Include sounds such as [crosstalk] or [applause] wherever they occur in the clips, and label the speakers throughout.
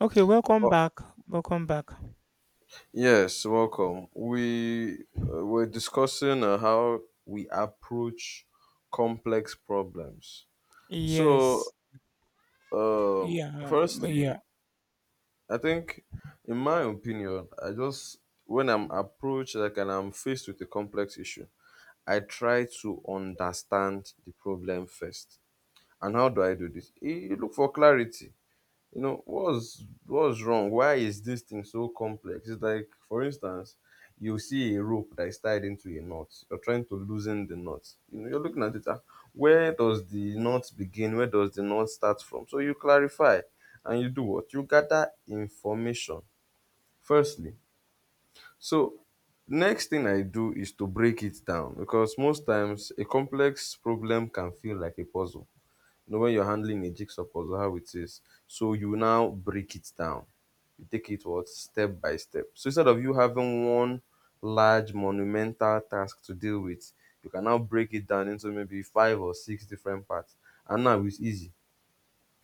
Speaker 1: Okay, welcome
Speaker 2: Oh,
Speaker 1: back. Welcome back.
Speaker 2: yes, welcome. We were discussing how we approach complex problems. So,
Speaker 1: Yes.
Speaker 2: um, firstly,
Speaker 1: Yeah.
Speaker 2: I think, in my opinion, I just when I'm approached like and I'm faced with a complex issue, I try to understand the problem first. And how do I do this? You look for clarity, you know, what's wrong, why is this thing so complex? It's like, for instance, you see a rope that is tied into a knot, you're trying to loosen the knot, you know, you're looking at it, where does the knot begin, where does the knot start from? So you clarify and you do what? You gather information firstly. So next thing I do is to break it down, because most times a complex problem can feel like a puzzle. You know, when you're handling a jigsaw puzzle, how it is. So you now break it down. You take it what? Step by step. So instead of you having one large monumental task to deal with, you can now break it down into maybe five or six different parts. And now it's easy,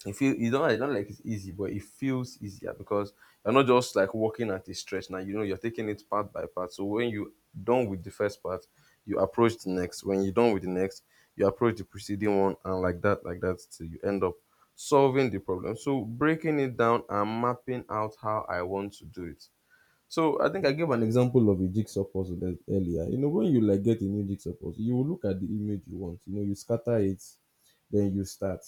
Speaker 2: it feel, you don't, I don't, like it's easy, but it feels easier because you're not just like working at a stretch now. You know, you're taking it part by part. So when you done with the first part, you approach the next. When you're done with the next, you approach the preceding one, and like that, till you end up solving the problem. So breaking it down and mapping out how I want to do it. So I think I gave an example of a jigsaw puzzle earlier. You know, when you like get a new jigsaw puzzle, you will look at the image you want. You know, you scatter it, then you start.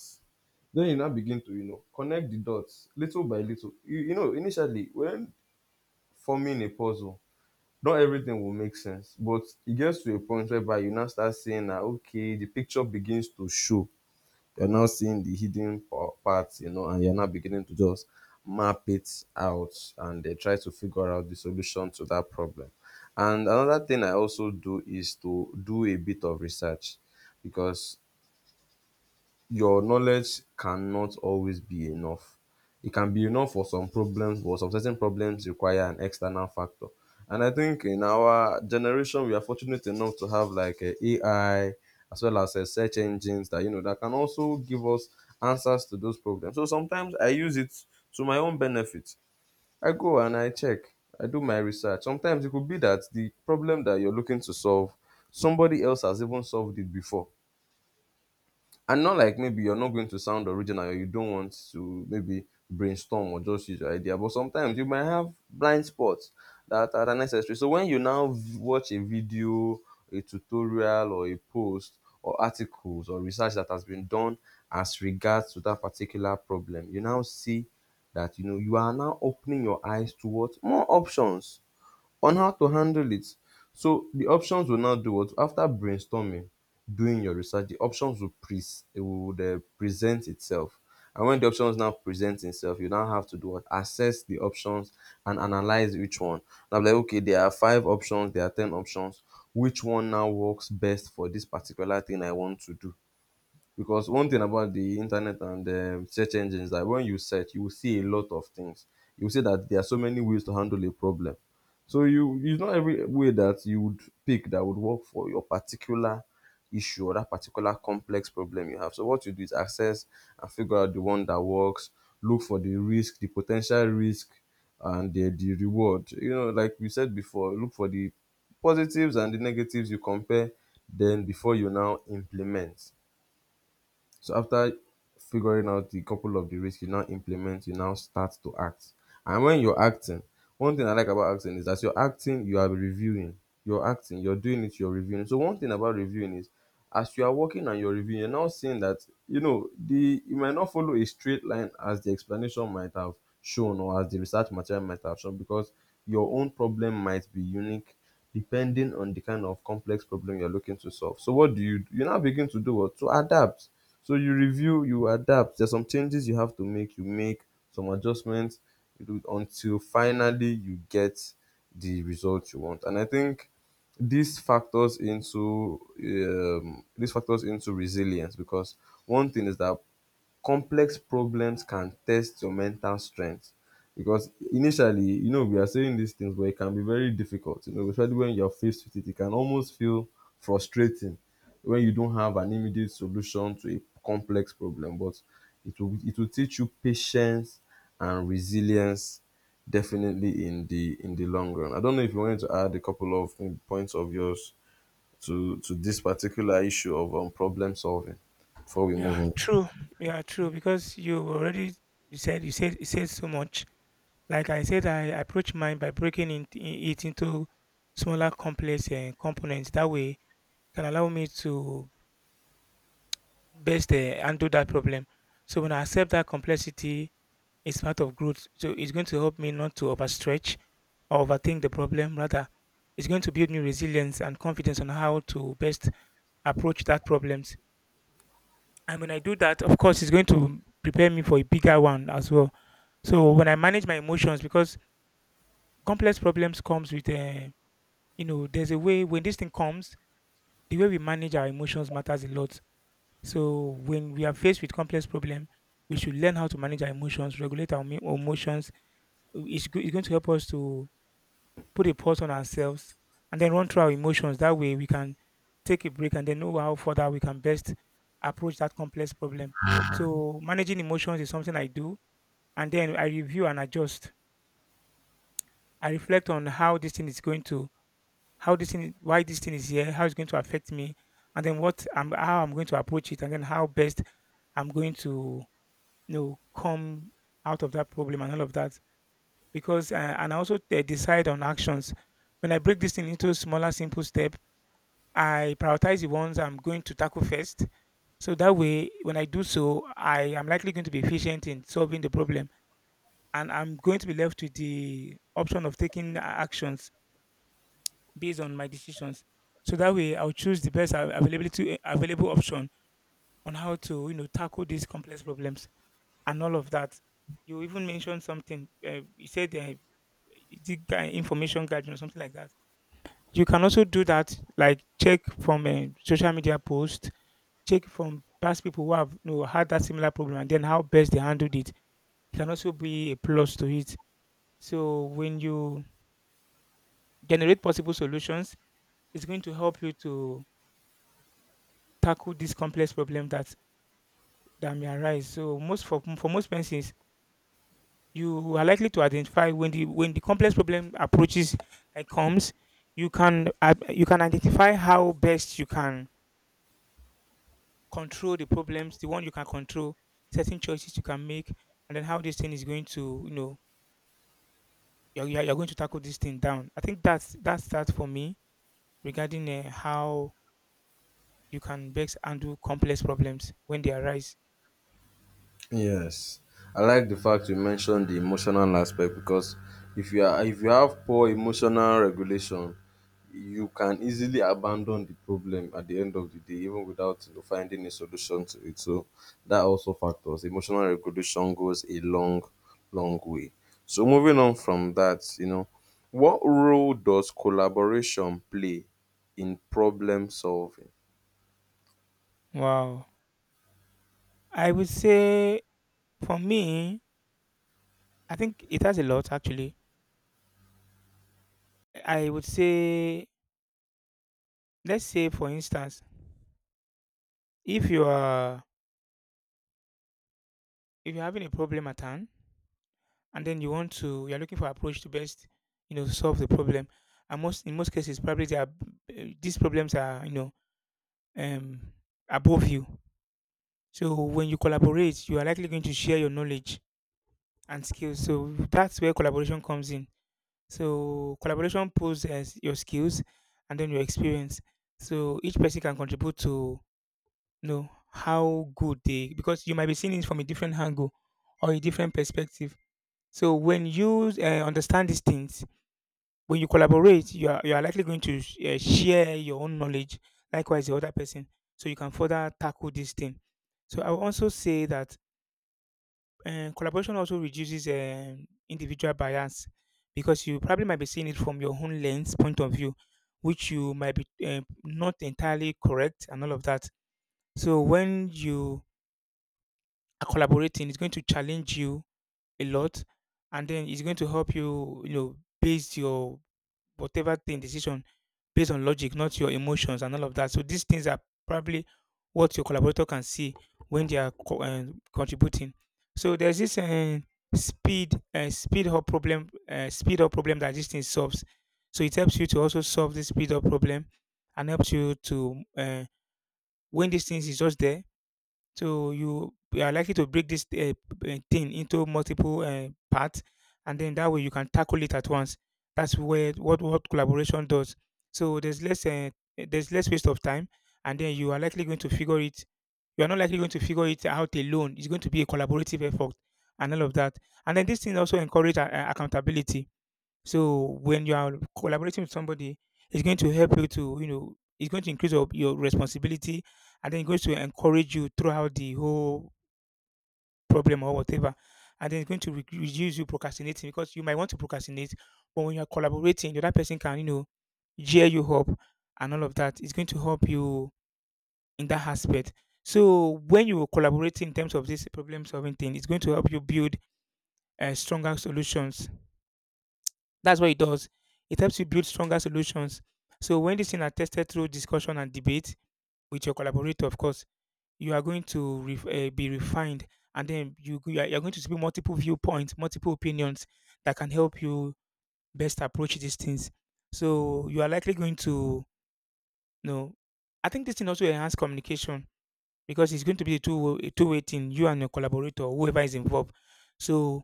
Speaker 2: Then you now begin to, you know, connect the dots little by little. You know, initially when forming a puzzle, not everything will make sense, but it gets to a point whereby you now start saying, that okay, the picture begins to show." You're now seeing the hidden parts, you know, and you're now beginning to just map it out and try to figure out the solution to that problem. And another thing I also do is to do a bit of research, because your knowledge cannot always be enough. It can be enough for some problems, but some certain problems require an external factor. And I think in our generation, we are fortunate enough to have like a AI as well as a search engines that, you know, that can also give us answers to those problems. So sometimes I use it to my own benefit. I go and I check. I do my research. Sometimes it could be that the problem that you're looking to solve, somebody else has even solved it before, and not like maybe you're not going to sound original or you don't want to maybe brainstorm or just use your idea, but sometimes you might have blind spots that are unnecessary. So when you now watch a video, a tutorial or a post or articles or research that has been done as regards to that particular problem, you now see that, you know, you are now opening your eyes towards more options on how to handle it. So the options will now do what? After brainstorming, doing your research, the options will pre, it would present itself. And when the options now present itself, you now have to do what? Assess the options and analyze which one. Now like okay, there are five options, there are ten options. Which one now works best for this particular thing I want to do? Because one thing about the internet and search engines is that when you search you will see a lot of things, you will see that there are so many ways to handle a problem. So you, it's not every way that you would pick that would work for your particular issue or that particular complex problem you have. So what you do is access and figure out the one that works, look for the risk, the potential risk and the reward, you know, like we said before, look for the positives and the negatives, you compare, then before you now implement. So after figuring out the couple of the risks, you now implement, you now start to act. And when you're acting, one thing I like about acting is that you're acting, you are reviewing. You're acting, you're doing it, you're reviewing. So one thing about reviewing is as you are working and you're reviewing, you're now seeing that, you know, the you might not follow a straight line as the explanation might have shown or as the research material might have shown, because your own problem might be unique depending on the kind of complex problem you're looking to solve. So what do? You now begin to do what? To adapt. So you review, you adapt. There's some changes you have to make. You make some adjustments, you do it until finally you get the result you want. And I think this factors into resilience, because one thing is that complex problems can test your mental strength, because initially, you know, we are saying these things, but it can be very difficult, you know, especially when you're faced with it. It can almost feel frustrating when you don't have an immediate solution to a complex problem, but it will teach you patience and resilience definitely in the long run. I don't know if you wanted to add a couple of points of yours to this particular issue of problem solving before we move
Speaker 1: Yeah.
Speaker 2: on.
Speaker 1: True. Yeah. True. Because you already you said so much. Like I said, I approach mine by breaking it into smaller, complex components. That way, can allow me to best handle that problem. So when I accept that complexity, it's part of growth. So it's going to help me not to overstretch or overthink the problem. Rather, it's going to build me resilience and confidence on how to best approach that problems. And when I do that, of course, it's going to prepare me for a bigger one as well. So when I manage my emotions, because complex problems comes with, you know, there's a way when this thing comes, the way we manage our emotions matters a lot. So when we are faced with complex problem, we should learn how to manage our emotions, regulate our emotions. It's, it's going to help us to put a pause on ourselves, and then run through our emotions. That way, we can take a break and then know how further we can best approach that complex problem. So, managing emotions is something I do, and then I review and adjust. I reflect on how this thing is going to, why this thing is here, how it's going to affect me, and then how I'm going to approach it, and then how best I'm going to, you know, come out of that problem and all of that. Because, and I also decide on actions. When I break this thing into smaller, simple steps, I prioritize the ones I'm going to tackle first. So that way, when I do so, I am likely going to be efficient in solving the problem. And I'm going to be left with the option of taking actions based on my decisions. So that way, I'll choose the best availability, available option on how to, you know, tackle these complex problems and all of that. You even mentioned something. You said the information gathering or something like that. You can also do that, like check from a social media post. Check from past people who have, you know, had that similar problem and then how best they handled it. It can also be a plus to it. So when you generate possible solutions, it's going to help you to tackle this complex problem that may arise. So most for most persons, you are likely to identify when the complex problem approaches like comes, you can identify how best you can control the problems, the one you can control, certain choices you can make, and then how this thing is going to, you know, you're going to tackle this thing down. I think that's that for me regarding how you can best handle complex problems when they arise.
Speaker 2: Yes, I like the fact you mentioned the emotional aspect, because if you are, if you have poor emotional regulation, you can easily abandon the problem at the end of the day, even without, you know, finding a solution to it. So that also factors. Emotional regulation goes a long, long way. So moving on from that, you know, what role does collaboration play in problem solving?
Speaker 1: Wow. I would say for me, I think it has a lot actually. I would say, let's say for instance, if you are if you're having a problem at hand and then you're looking for approach to best, you know, solve the problem. And most in most cases, probably they are, eh, these problems are, you know, um, above you. So when you collaborate, you are likely going to share your knowledge and skills. So that's where collaboration comes in. So collaboration pulls as your skills and then your experience. So each person can contribute to, you know, how good they, because you might be seeing it from a different angle or a different perspective. So when you understand these things, when you collaborate, you are likely going to share your own knowledge. Likewise, the other person, so you can further tackle this thing. So I will also say that collaboration also reduces individual bias because you probably might be seeing it from your own lens point of view, which you might be not entirely correct and all of that. So when you are collaborating, it's going to challenge you a lot, and then it's going to help you, you know, base your whatever thing decision based on logic, not your emotions and all of that. So these things are probably what your collaborator can see when they are contributing. So there's this speed up problem that this thing solves. So it helps you to also solve this speed up problem and helps you to when these things is just there, so you are likely to break this thing into multiple parts, and then that way you can tackle it at once. That's where what collaboration does. So there's less waste of time, and then you are likely going to figure it. You are not likely going to figure it out alone. It's going to be a collaborative effort and all of that. And then this thing also encourage accountability, so when you are collaborating with somebody, it's going to help you to, you know, it's going to increase your responsibility and then it's going to encourage you throughout the whole problem or whatever. And then it's going to reduce you procrastinating because you might want to procrastinate, but when you're collaborating, the other person can, you know, gear you up and all of that. It's going to help you in that aspect. So when you collaborate in terms of this problem solving thing, it's going to help you build stronger solutions. That's what it does. It helps you build stronger solutions. So when these things are tested through discussion and debate with your collaborator, of course, you are going to ref be refined, and then you're going to see multiple viewpoints, multiple opinions that can help you best approach these things. So you are likely going to, you know. I think this thing also enhance communication because it's going to be a two-way thing. You and your collaborator, whoever is involved. So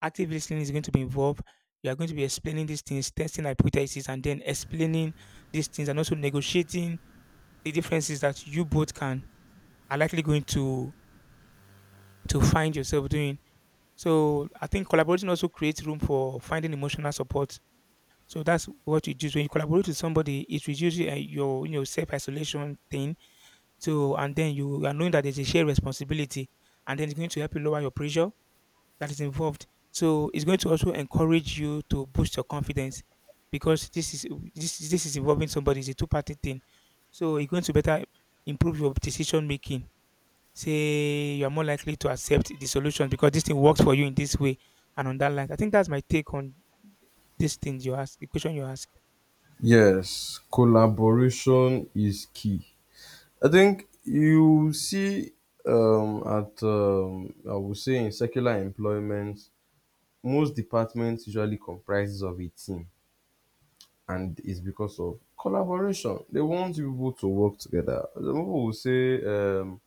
Speaker 1: active listening is going to be involved. You are going to be explaining these things, testing hypotheses, and then explaining these things, and also negotiating the differences that you both can are likely going to find yourself doing. So I think collaboration also creates room for finding emotional support. So that's what you do. So, when you collaborate with somebody, it reduces your, you know, self isolation thing. So and then you are knowing that there's a shared responsibility, and then it's going to help you lower your pressure that is involved. So it's going to also encourage you to boost your confidence because this is involving somebody. It's a two party thing. So it's going to better improve your decision making. Say you are more likely to accept the solution because this thing works for you in this way and on that line. I think that's my take on this thing you ask, the question you ask.
Speaker 2: Yes, collaboration is key. I think you see I would say in secular employment, most departments usually comprises of a team, and it's because of collaboration. They want people to work together. Some people will say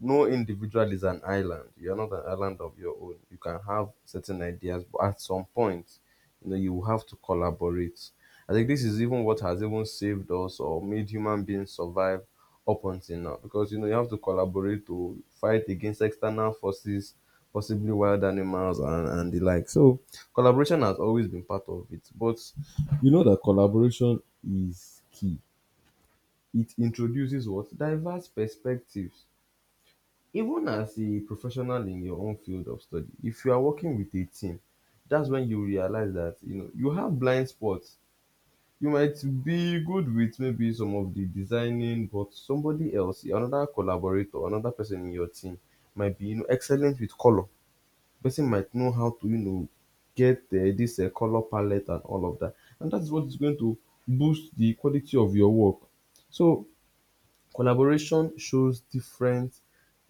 Speaker 2: no individual is an island. You're not an island of your own. You can have certain ideas, but at some point, you know, you will have to collaborate. I think this is even what has even saved us or made human beings survive up until now. Because, you know, you have to collaborate to fight against external forces, possibly wild animals and the like. So collaboration has always been part of it. But you know that collaboration is key. It introduces what? Diverse perspectives. Even as a professional in your own field of study, if you are working with a team, that's when you realize that, you know, you have blind spots. You might be good with maybe some of the designing, but somebody else, another collaborator, another person in your team might be, you know, excellent with color. Person might know how to, you know, get this color palette and all of that, and that's what is going to boost the quality of your work. So collaboration shows different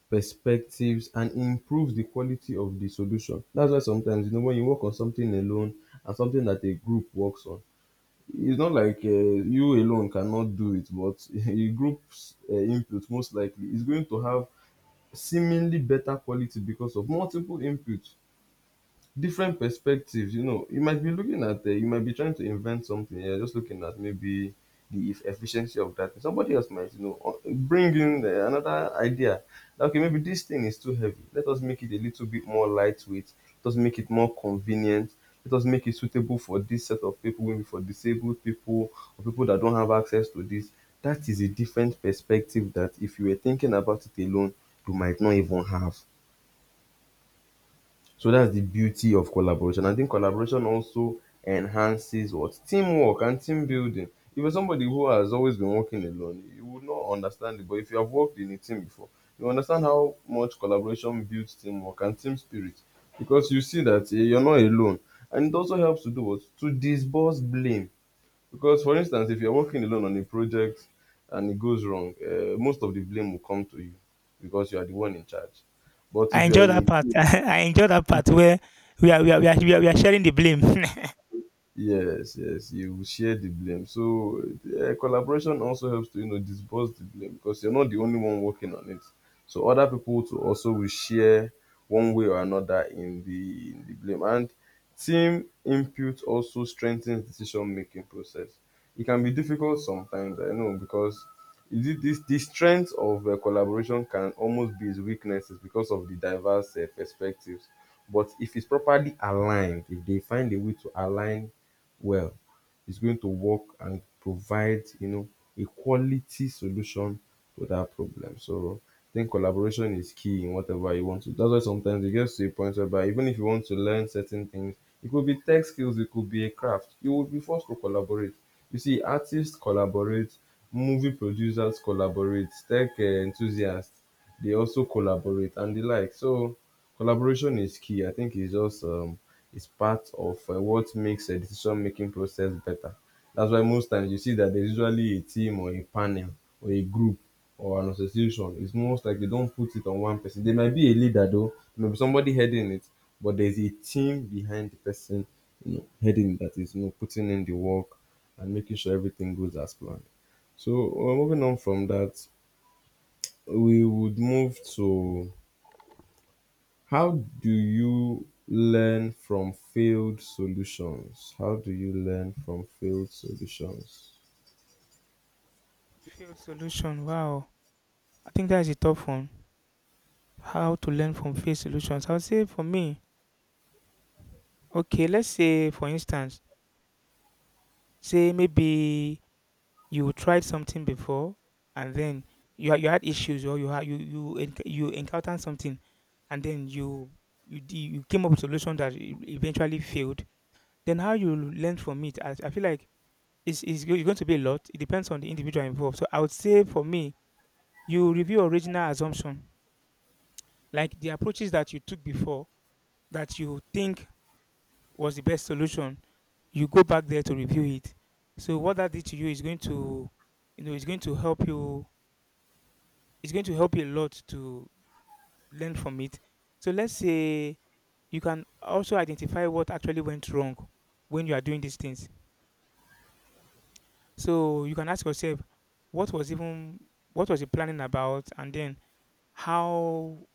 Speaker 2: perspectives and improves the quality of the solution. That's why sometimes, you know, when you work on something alone and something that a group works on, it's not like you alone cannot do it, but [laughs] a group's input most likely is going to have seemingly better quality because of multiple inputs, different perspectives. You know, you might be looking at, you might be trying to invent something. You're just looking at maybe the efficiency of that. Somebody else might, you know, bring in another idea. That, okay, maybe this thing is too heavy. Let us make it a little bit more lightweight. Let us make it more convenient. Let us make it suitable for this set of people, maybe for disabled people or people that don't have access to this. That is a different perspective that if you were thinking about it alone, you might not even have. So that's the beauty of collaboration. I think collaboration also enhances what? Teamwork and team building. If you're somebody who has always been working alone, you would not understand it. But if you have worked in a team before, you understand how much collaboration builds teamwork and team spirit. Because you see that eh, you're not alone. And it also helps to do what? To disperse blame. Because, for instance, if you're working alone on a project and it goes wrong, most of the blame will come to you because you are the one in charge. But
Speaker 1: I
Speaker 2: if you're
Speaker 1: enjoy
Speaker 2: in
Speaker 1: that
Speaker 2: a…
Speaker 1: part. [laughs] I enjoy that part where we are sharing the blame.
Speaker 2: Yes, yes, you will share the blame. So collaboration also helps to disperse the blame because you're not the only one working on it. So other people to also will share one way or another in the blame. And team input also strengthens decision making process. It can be difficult sometimes, I know, because is it this the strength of collaboration can almost be its weaknesses because of the diverse perspectives, but if it's properly aligned, if they find a way to align well, is going to work and provide, you know, a quality solution to that problem. So I think collaboration is key in whatever you want to. That's why sometimes it gets to a point whereby even if you want to learn certain things, it could be tech skills, it could be a craft. You would be forced to collaborate. You see, artists collaborate, movie producers collaborate, tech enthusiasts, they also collaborate and the like. So collaboration is key. I think it's just it's part of what makes a decision making process better. That's why most times you see that there's usually a team or a panel or a group or an association. It's most like they don't put it on one person. There might be a leader though, there might be somebody heading it, but there's a team behind the person, you know, heading that is you know putting in the work and making sure everything goes as planned. So moving on from that, we would move to how do you learn from failed solutions? How do you learn from failed solutions?
Speaker 1: [laughs] Failed solution. Wow. I think that is a tough one. How to learn from failed solutions? I would say for me, okay, let's say for instance, say maybe you tried something before and then you had issues or you encountered something and then you came up with solution that eventually failed. Then how you learn from it? I feel like it's going to be a lot. It depends on the individual involved. So I would say for me, you review original assumption, like the approaches that you took before that you think was the best solution, you go back there to review it. So what that did to you is going to, you know, it's going to help you. It's going to help you a lot to learn from it. So let's say you can also identify what actually went wrong when you are doing these things. So you can ask yourself, what was even what was the planning about, and then how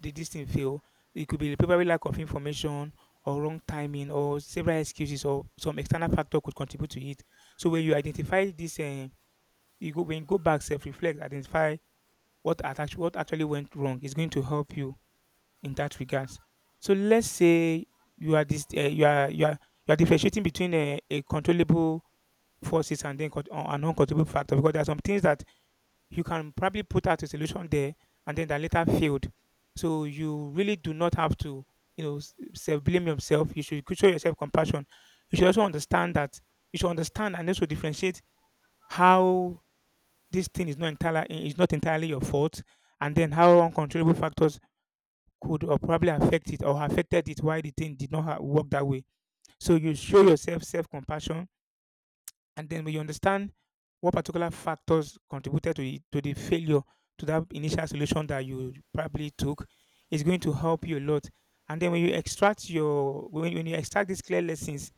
Speaker 1: did this thing fail? It could be the probably lack of information or wrong timing or several excuses or some external factor could contribute to it. So when you identify this, you go when you go back, self reflect, identify what actually went wrong. It's going to help you in that regards. So let's say you are this you are you are differentiating between a controllable forces and then an uncontrollable factor, because there are some things that you can probably put out a solution there and then that later failed. So you really do not have to, you know, self blame yourself. You should show yourself compassion. You should also understand that you should understand and also differentiate how this thing is not entirely your fault, and then how uncontrollable factors could or probably affect it or affected it, why the thing did not work that way. So you show yourself self compassion, and then when you understand what particular factors contributed to, it, to the failure, to that initial solution that you probably took, it's going to help you a lot. And then when you extract your when you extract these clear lessons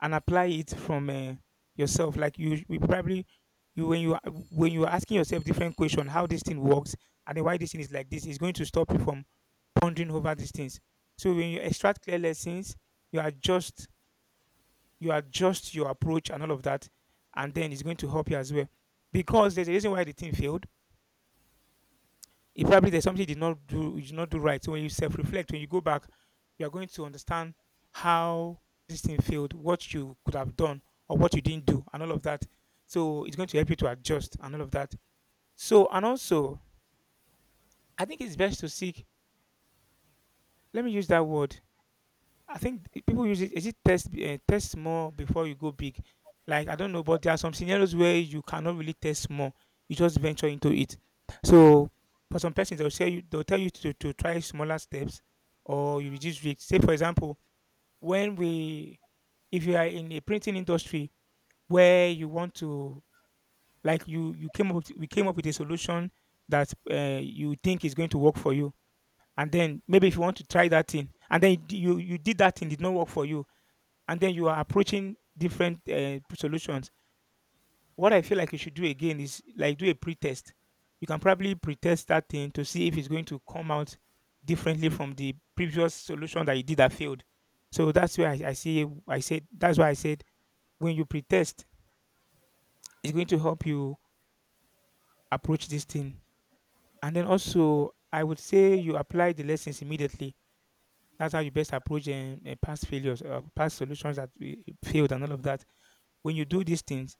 Speaker 1: and apply it from yourself, like you, we probably you when you are asking yourself different question, how this thing works and then why this thing is like this, is going to stop you from pondering over these things. So when you extract clear lessons, you adjust you adjust your approach and all of that, and then it's going to help you as well. Because there's a reason why the team failed. It probably there's something you did not do, you did not do right. So when you self-reflect, when you go back, you are going to understand how this thing failed, what you could have done, or what you didn't do, and all of that. So it's going to help you to adjust and all of that. So and also, I think it's best to seek. Let me use that word. I think people use it. Is it test test small before you go big? Like I don't know, but there are some scenarios where you cannot really test small. You just venture into it. So for some persons, they'll say you, they'll tell you to, try smaller steps, or you reduce risk. Say for example, when we, if you are in a printing industry where you want to, like you came up with, we came up with a solution that you think is going to work for you, and then maybe if you want to try that thing, and then you did that thing did not work for you, and then you are approaching different solutions. What I feel like you should do again is like do a pretest. You can probably pretest that thing to see if it's going to come out differently from the previous solution that you did that failed. So that's where I see. I said that's why I said when you pretest, it's going to help you approach this thing. And then also, I would say you apply the lessons immediately. That's how you best approach past failures, past solutions that we failed, and all of that. When you do these things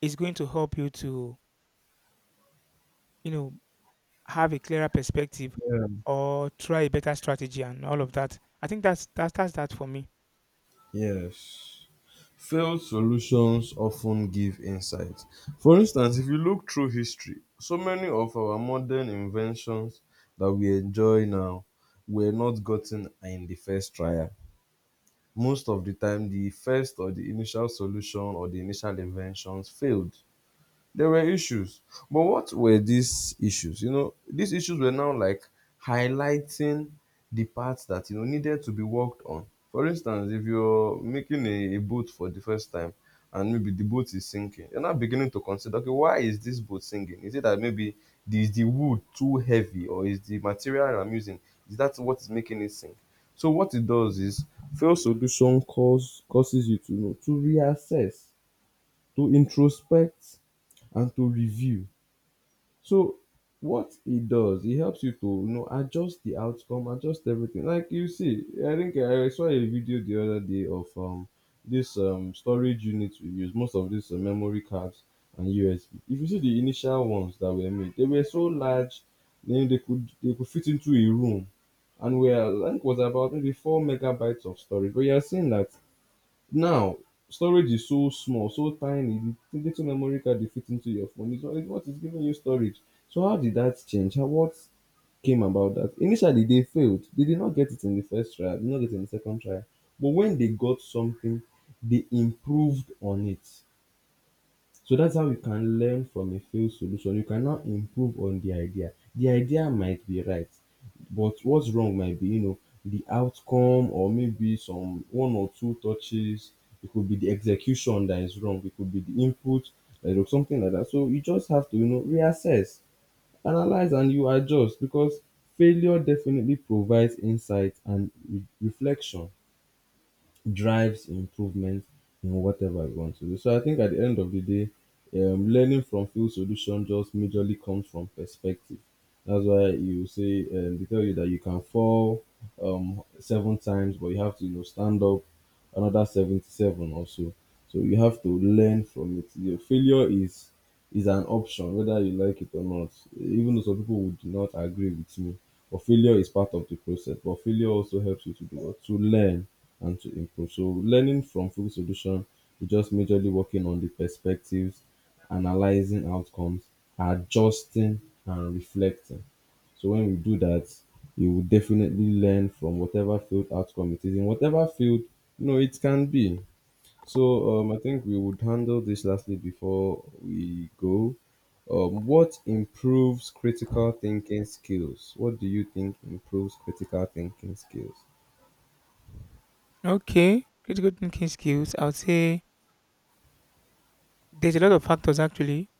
Speaker 1: is going to help you to, you know, have a clearer perspective
Speaker 2: Yeah.
Speaker 1: or try a better strategy and all of that. I think that's that's that for me.
Speaker 2: Yes. Failed solutions often give insight. For instance, if you look through history, so many of our modern inventions that we enjoy now were not gotten in the first trial. Most of the time, the first or the initial solution or the initial inventions failed. There were issues. But what were these issues? You know, these issues were now like highlighting the parts that you know needed to be worked on. For instance, if you're making a boat for the first time and maybe the boat is sinking, you're now beginning to consider, okay, why is this boat sinking? Is it that maybe the, is the wood too heavy, or is the material I'm using, is that what is making it sink? So what it does is failed solution causes you to you know to reassess, to introspect, and to review. So what it does, it helps you to you know adjust the outcome, adjust everything. Like you see, I think I saw a video the other day of this storage unit we use, most of these memory cards and USB. If you see the initial ones that were made, they were so large, then they could fit into a room and were, I think, was about maybe 4 megabytes of storage. But you are seeing that now, storage is so small, so tiny. The little memory card you fit into your phone is what is giving you storage. So how did that change? How what came about that? Initially, they failed. They did not get it in the first try. They did not get it in the second try. But when they got something, they improved on it. So that's how you can learn from a failed solution. You can now improve on the idea. The idea might be right, but what's wrong might be, you know, the outcome, or maybe some one or two touches. It could be the execution that is wrong. It could be the input like, or something like that. So you just have to, you know, reassess, analyze, and you adjust because failure definitely provides insight and reflection drives improvement in whatever you want to do. So I think at the end of the day, learning from field solution just majorly comes from perspective. That's why you say they tell you that you can fall seven times, but you have to you know stand up another 77 or so. So you have to learn from it. Your failure is an option whether you like it or not. Even though some people would not agree with me, but failure is part of the process. But failure also helps you to do what? To learn and to improve. So learning from full solution is just majorly working on the perspectives, analyzing outcomes, adjusting and reflecting. So when we do that, you will definitely learn from whatever field outcome it is in whatever field you know it can be. So I think we would handle this lastly before we go. What improves critical thinking skills? What do you think improves critical thinking skills?
Speaker 1: Okay, critical thinking skills. I would say there's a lot of factors actually,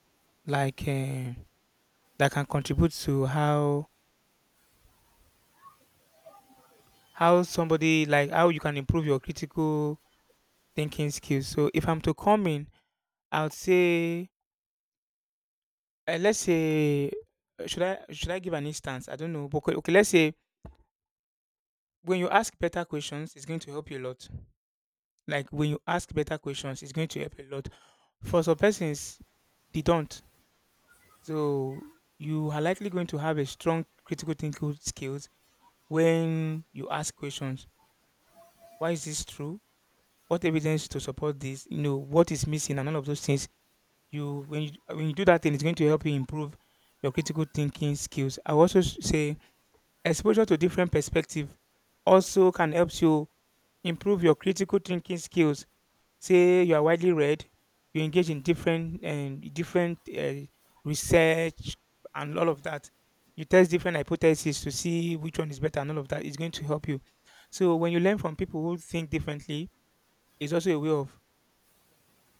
Speaker 1: like that can contribute to how somebody, like how you can improve your critical thinking skills. So if I'm to come in, I would say let's say should I give an instance? I don't know, but okay, okay, let's say when you ask better questions, it's going to help you a lot. Like when you ask better questions, it's going to help a lot. For some persons, they don't. So you are likely going to have a strong critical thinking skills when you ask questions. Why is this true? What evidence to support this? You know what is missing and all of those things. You when you when you do that thing, it's going to help you improve your critical thinking skills. I will also say exposure to different perspective also can help you improve your critical thinking skills, say you are widely read, you engage in different and different research and all of that. You test different hypotheses to see which one is better, and all of that is going to help you. So when you learn from people who think differently, it's also a way of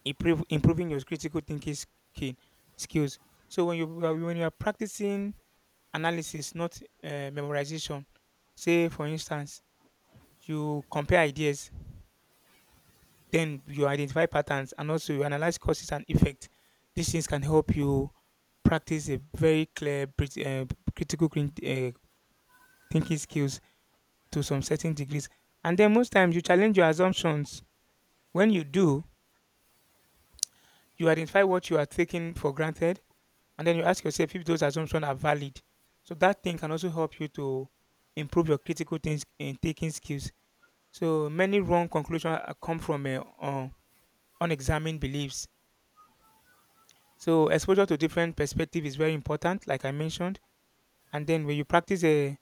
Speaker 1: improving your critical thinking skill, skills. So when you are practicing analysis, not memorization, say for instance, you compare ideas. Then you identify patterns and also you analyze causes and effect. These things can help you practice a very clear critical thinking skills to some certain degrees. And then most times you challenge your assumptions. When you do, you identify what you are taking for granted, and then you ask yourself if those assumptions are valid. So that thing can also help you to improve your critical things in thinking skills. So many wrong conclusions come from unexamined beliefs. So exposure to different perspective is very important, like I mentioned. And then when you practice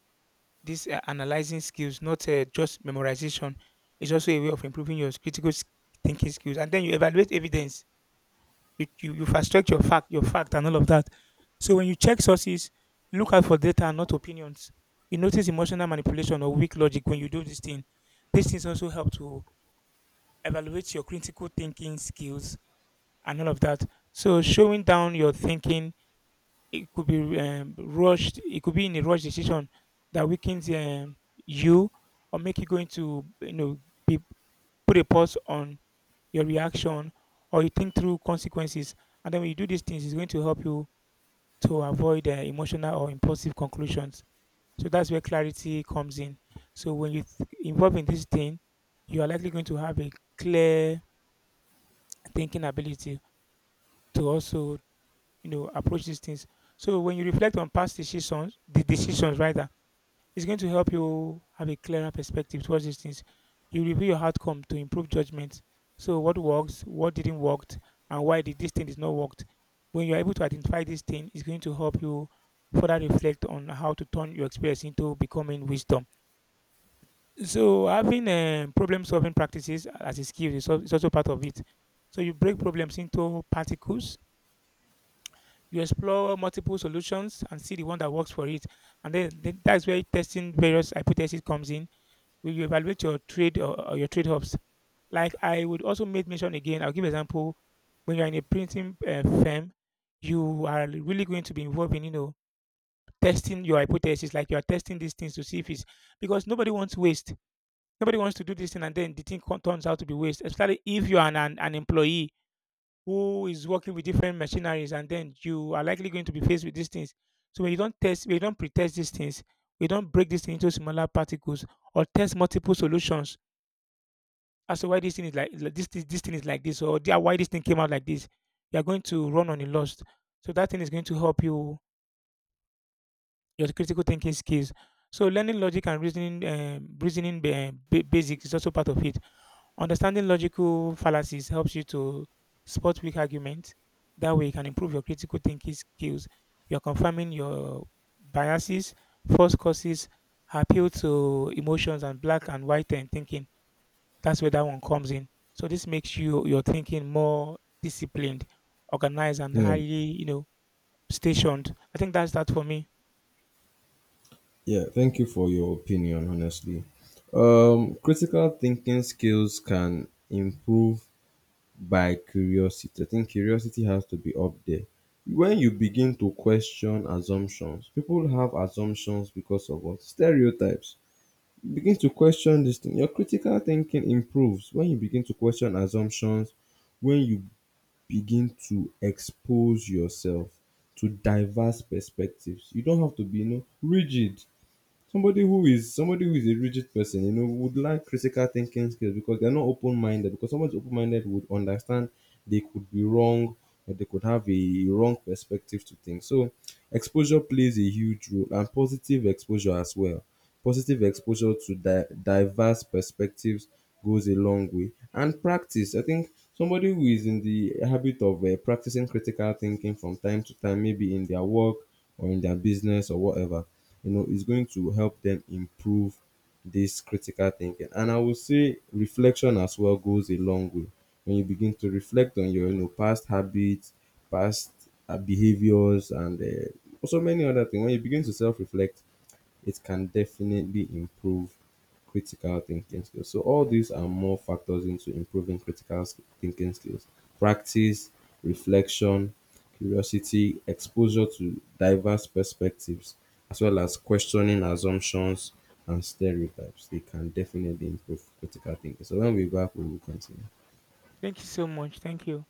Speaker 1: these analyzing skills, not just memorization, it's also a way of improving your critical thinking skills. And then you evaluate evidence. You fast track your your fact, and all of that. So when you check sources, look out for data and not opinions. You notice emotional manipulation or weak logic when you do this thing. These things also help to evaluate your critical thinking skills and all of that. So showing down your thinking. It could be rushed. It could be in a rushed decision that weakens you or make you going to be, put a pause on your reaction or you think through consequences. And then when you do these things, it's going to help you to avoid emotional or impulsive conclusions. So that's where clarity comes in. So when you involve in this thing, you are likely going to have a clear thinking ability to also approach these things. So when you reflect on past decisions, the decisions rather, it's going to help you have a clearer perspective towards these things. You review your outcome to improve judgment. So what works, what didn't work, and why did this thing is not worked. When you're able to identify this thing, it's going to help you further reflect on how to turn your experience into becoming wisdom. So having problem solving practices as a skill is is also part of it. So you break problems into particles. You explore multiple solutions and see the one that works for it. And then that's where testing various hypotheses comes in, will you evaluate your or your trade-offs? Like I would also make mention again, I'll give example, when you're in a printing firm, you are really going to be involved in, testing your hypothesis, like you are testing these things to see if it's, because nobody wants waste. Nobody wants to do this thing and then the thing turns out to be waste, especially if you are an employee who is working with different machineries, and then you are likely going to be faced with these things. So when you don't test, when you don't pre-test these things, we don't break this thing into smaller particles or test multiple solutions as to why this thing is like this, this thing is like this, or yeah, why this thing came out like this, you're going to run on the lost. So that thing is going to help you your critical thinking skills. So learning logic and reasoning reasoning basics is also part of it. Understanding logical fallacies helps you to spot weak arguments. That way you can improve your critical thinking skills. You're confirming your biases, false causes, appeal to emotions, and black and white thinking. That's where that one comes in. So this makes you your thinking more disciplined, organized, and
Speaker 2: Yeah,
Speaker 1: highly, stationed. I think that's that for me.
Speaker 2: yeah. Thank you for your opinion. Honestly, critical thinking skills can improve by curiosity. I think curiosity has to be up there. When you begin to question assumptions, people have assumptions because of what stereotypes begin to question this thing. Your critical thinking improves when you begin to question assumptions, when you begin to expose yourself to diverse perspectives. You don't have to be, you know, rigid. Somebody who is a rigid person, you know, would lack critical thinking skills because they're not open minded. Because someone's open minded would understand they could be wrong or they could have a wrong perspective to things. So exposure plays a huge role and positive exposure as well. Positive exposure to diverse perspectives goes a long way. And practice, I think somebody who is in the habit of practicing critical thinking from time to time, maybe in their work or in their business or whatever, you know, is going to help them improve this critical thinking. And I would say reflection as well goes a long way. When you begin to reflect on your, you know, past habits, past behaviors, and so many other things, when you begin to self reflect, it can definitely improve critical thinking skills. So all these are more factors into improving critical thinking skills. Practice, reflection, curiosity, exposure to diverse perspectives, as well as questioning assumptions and stereotypes. They can definitely improve critical thinking. So when we're back, we will continue.
Speaker 1: Thank you so much. Thank you.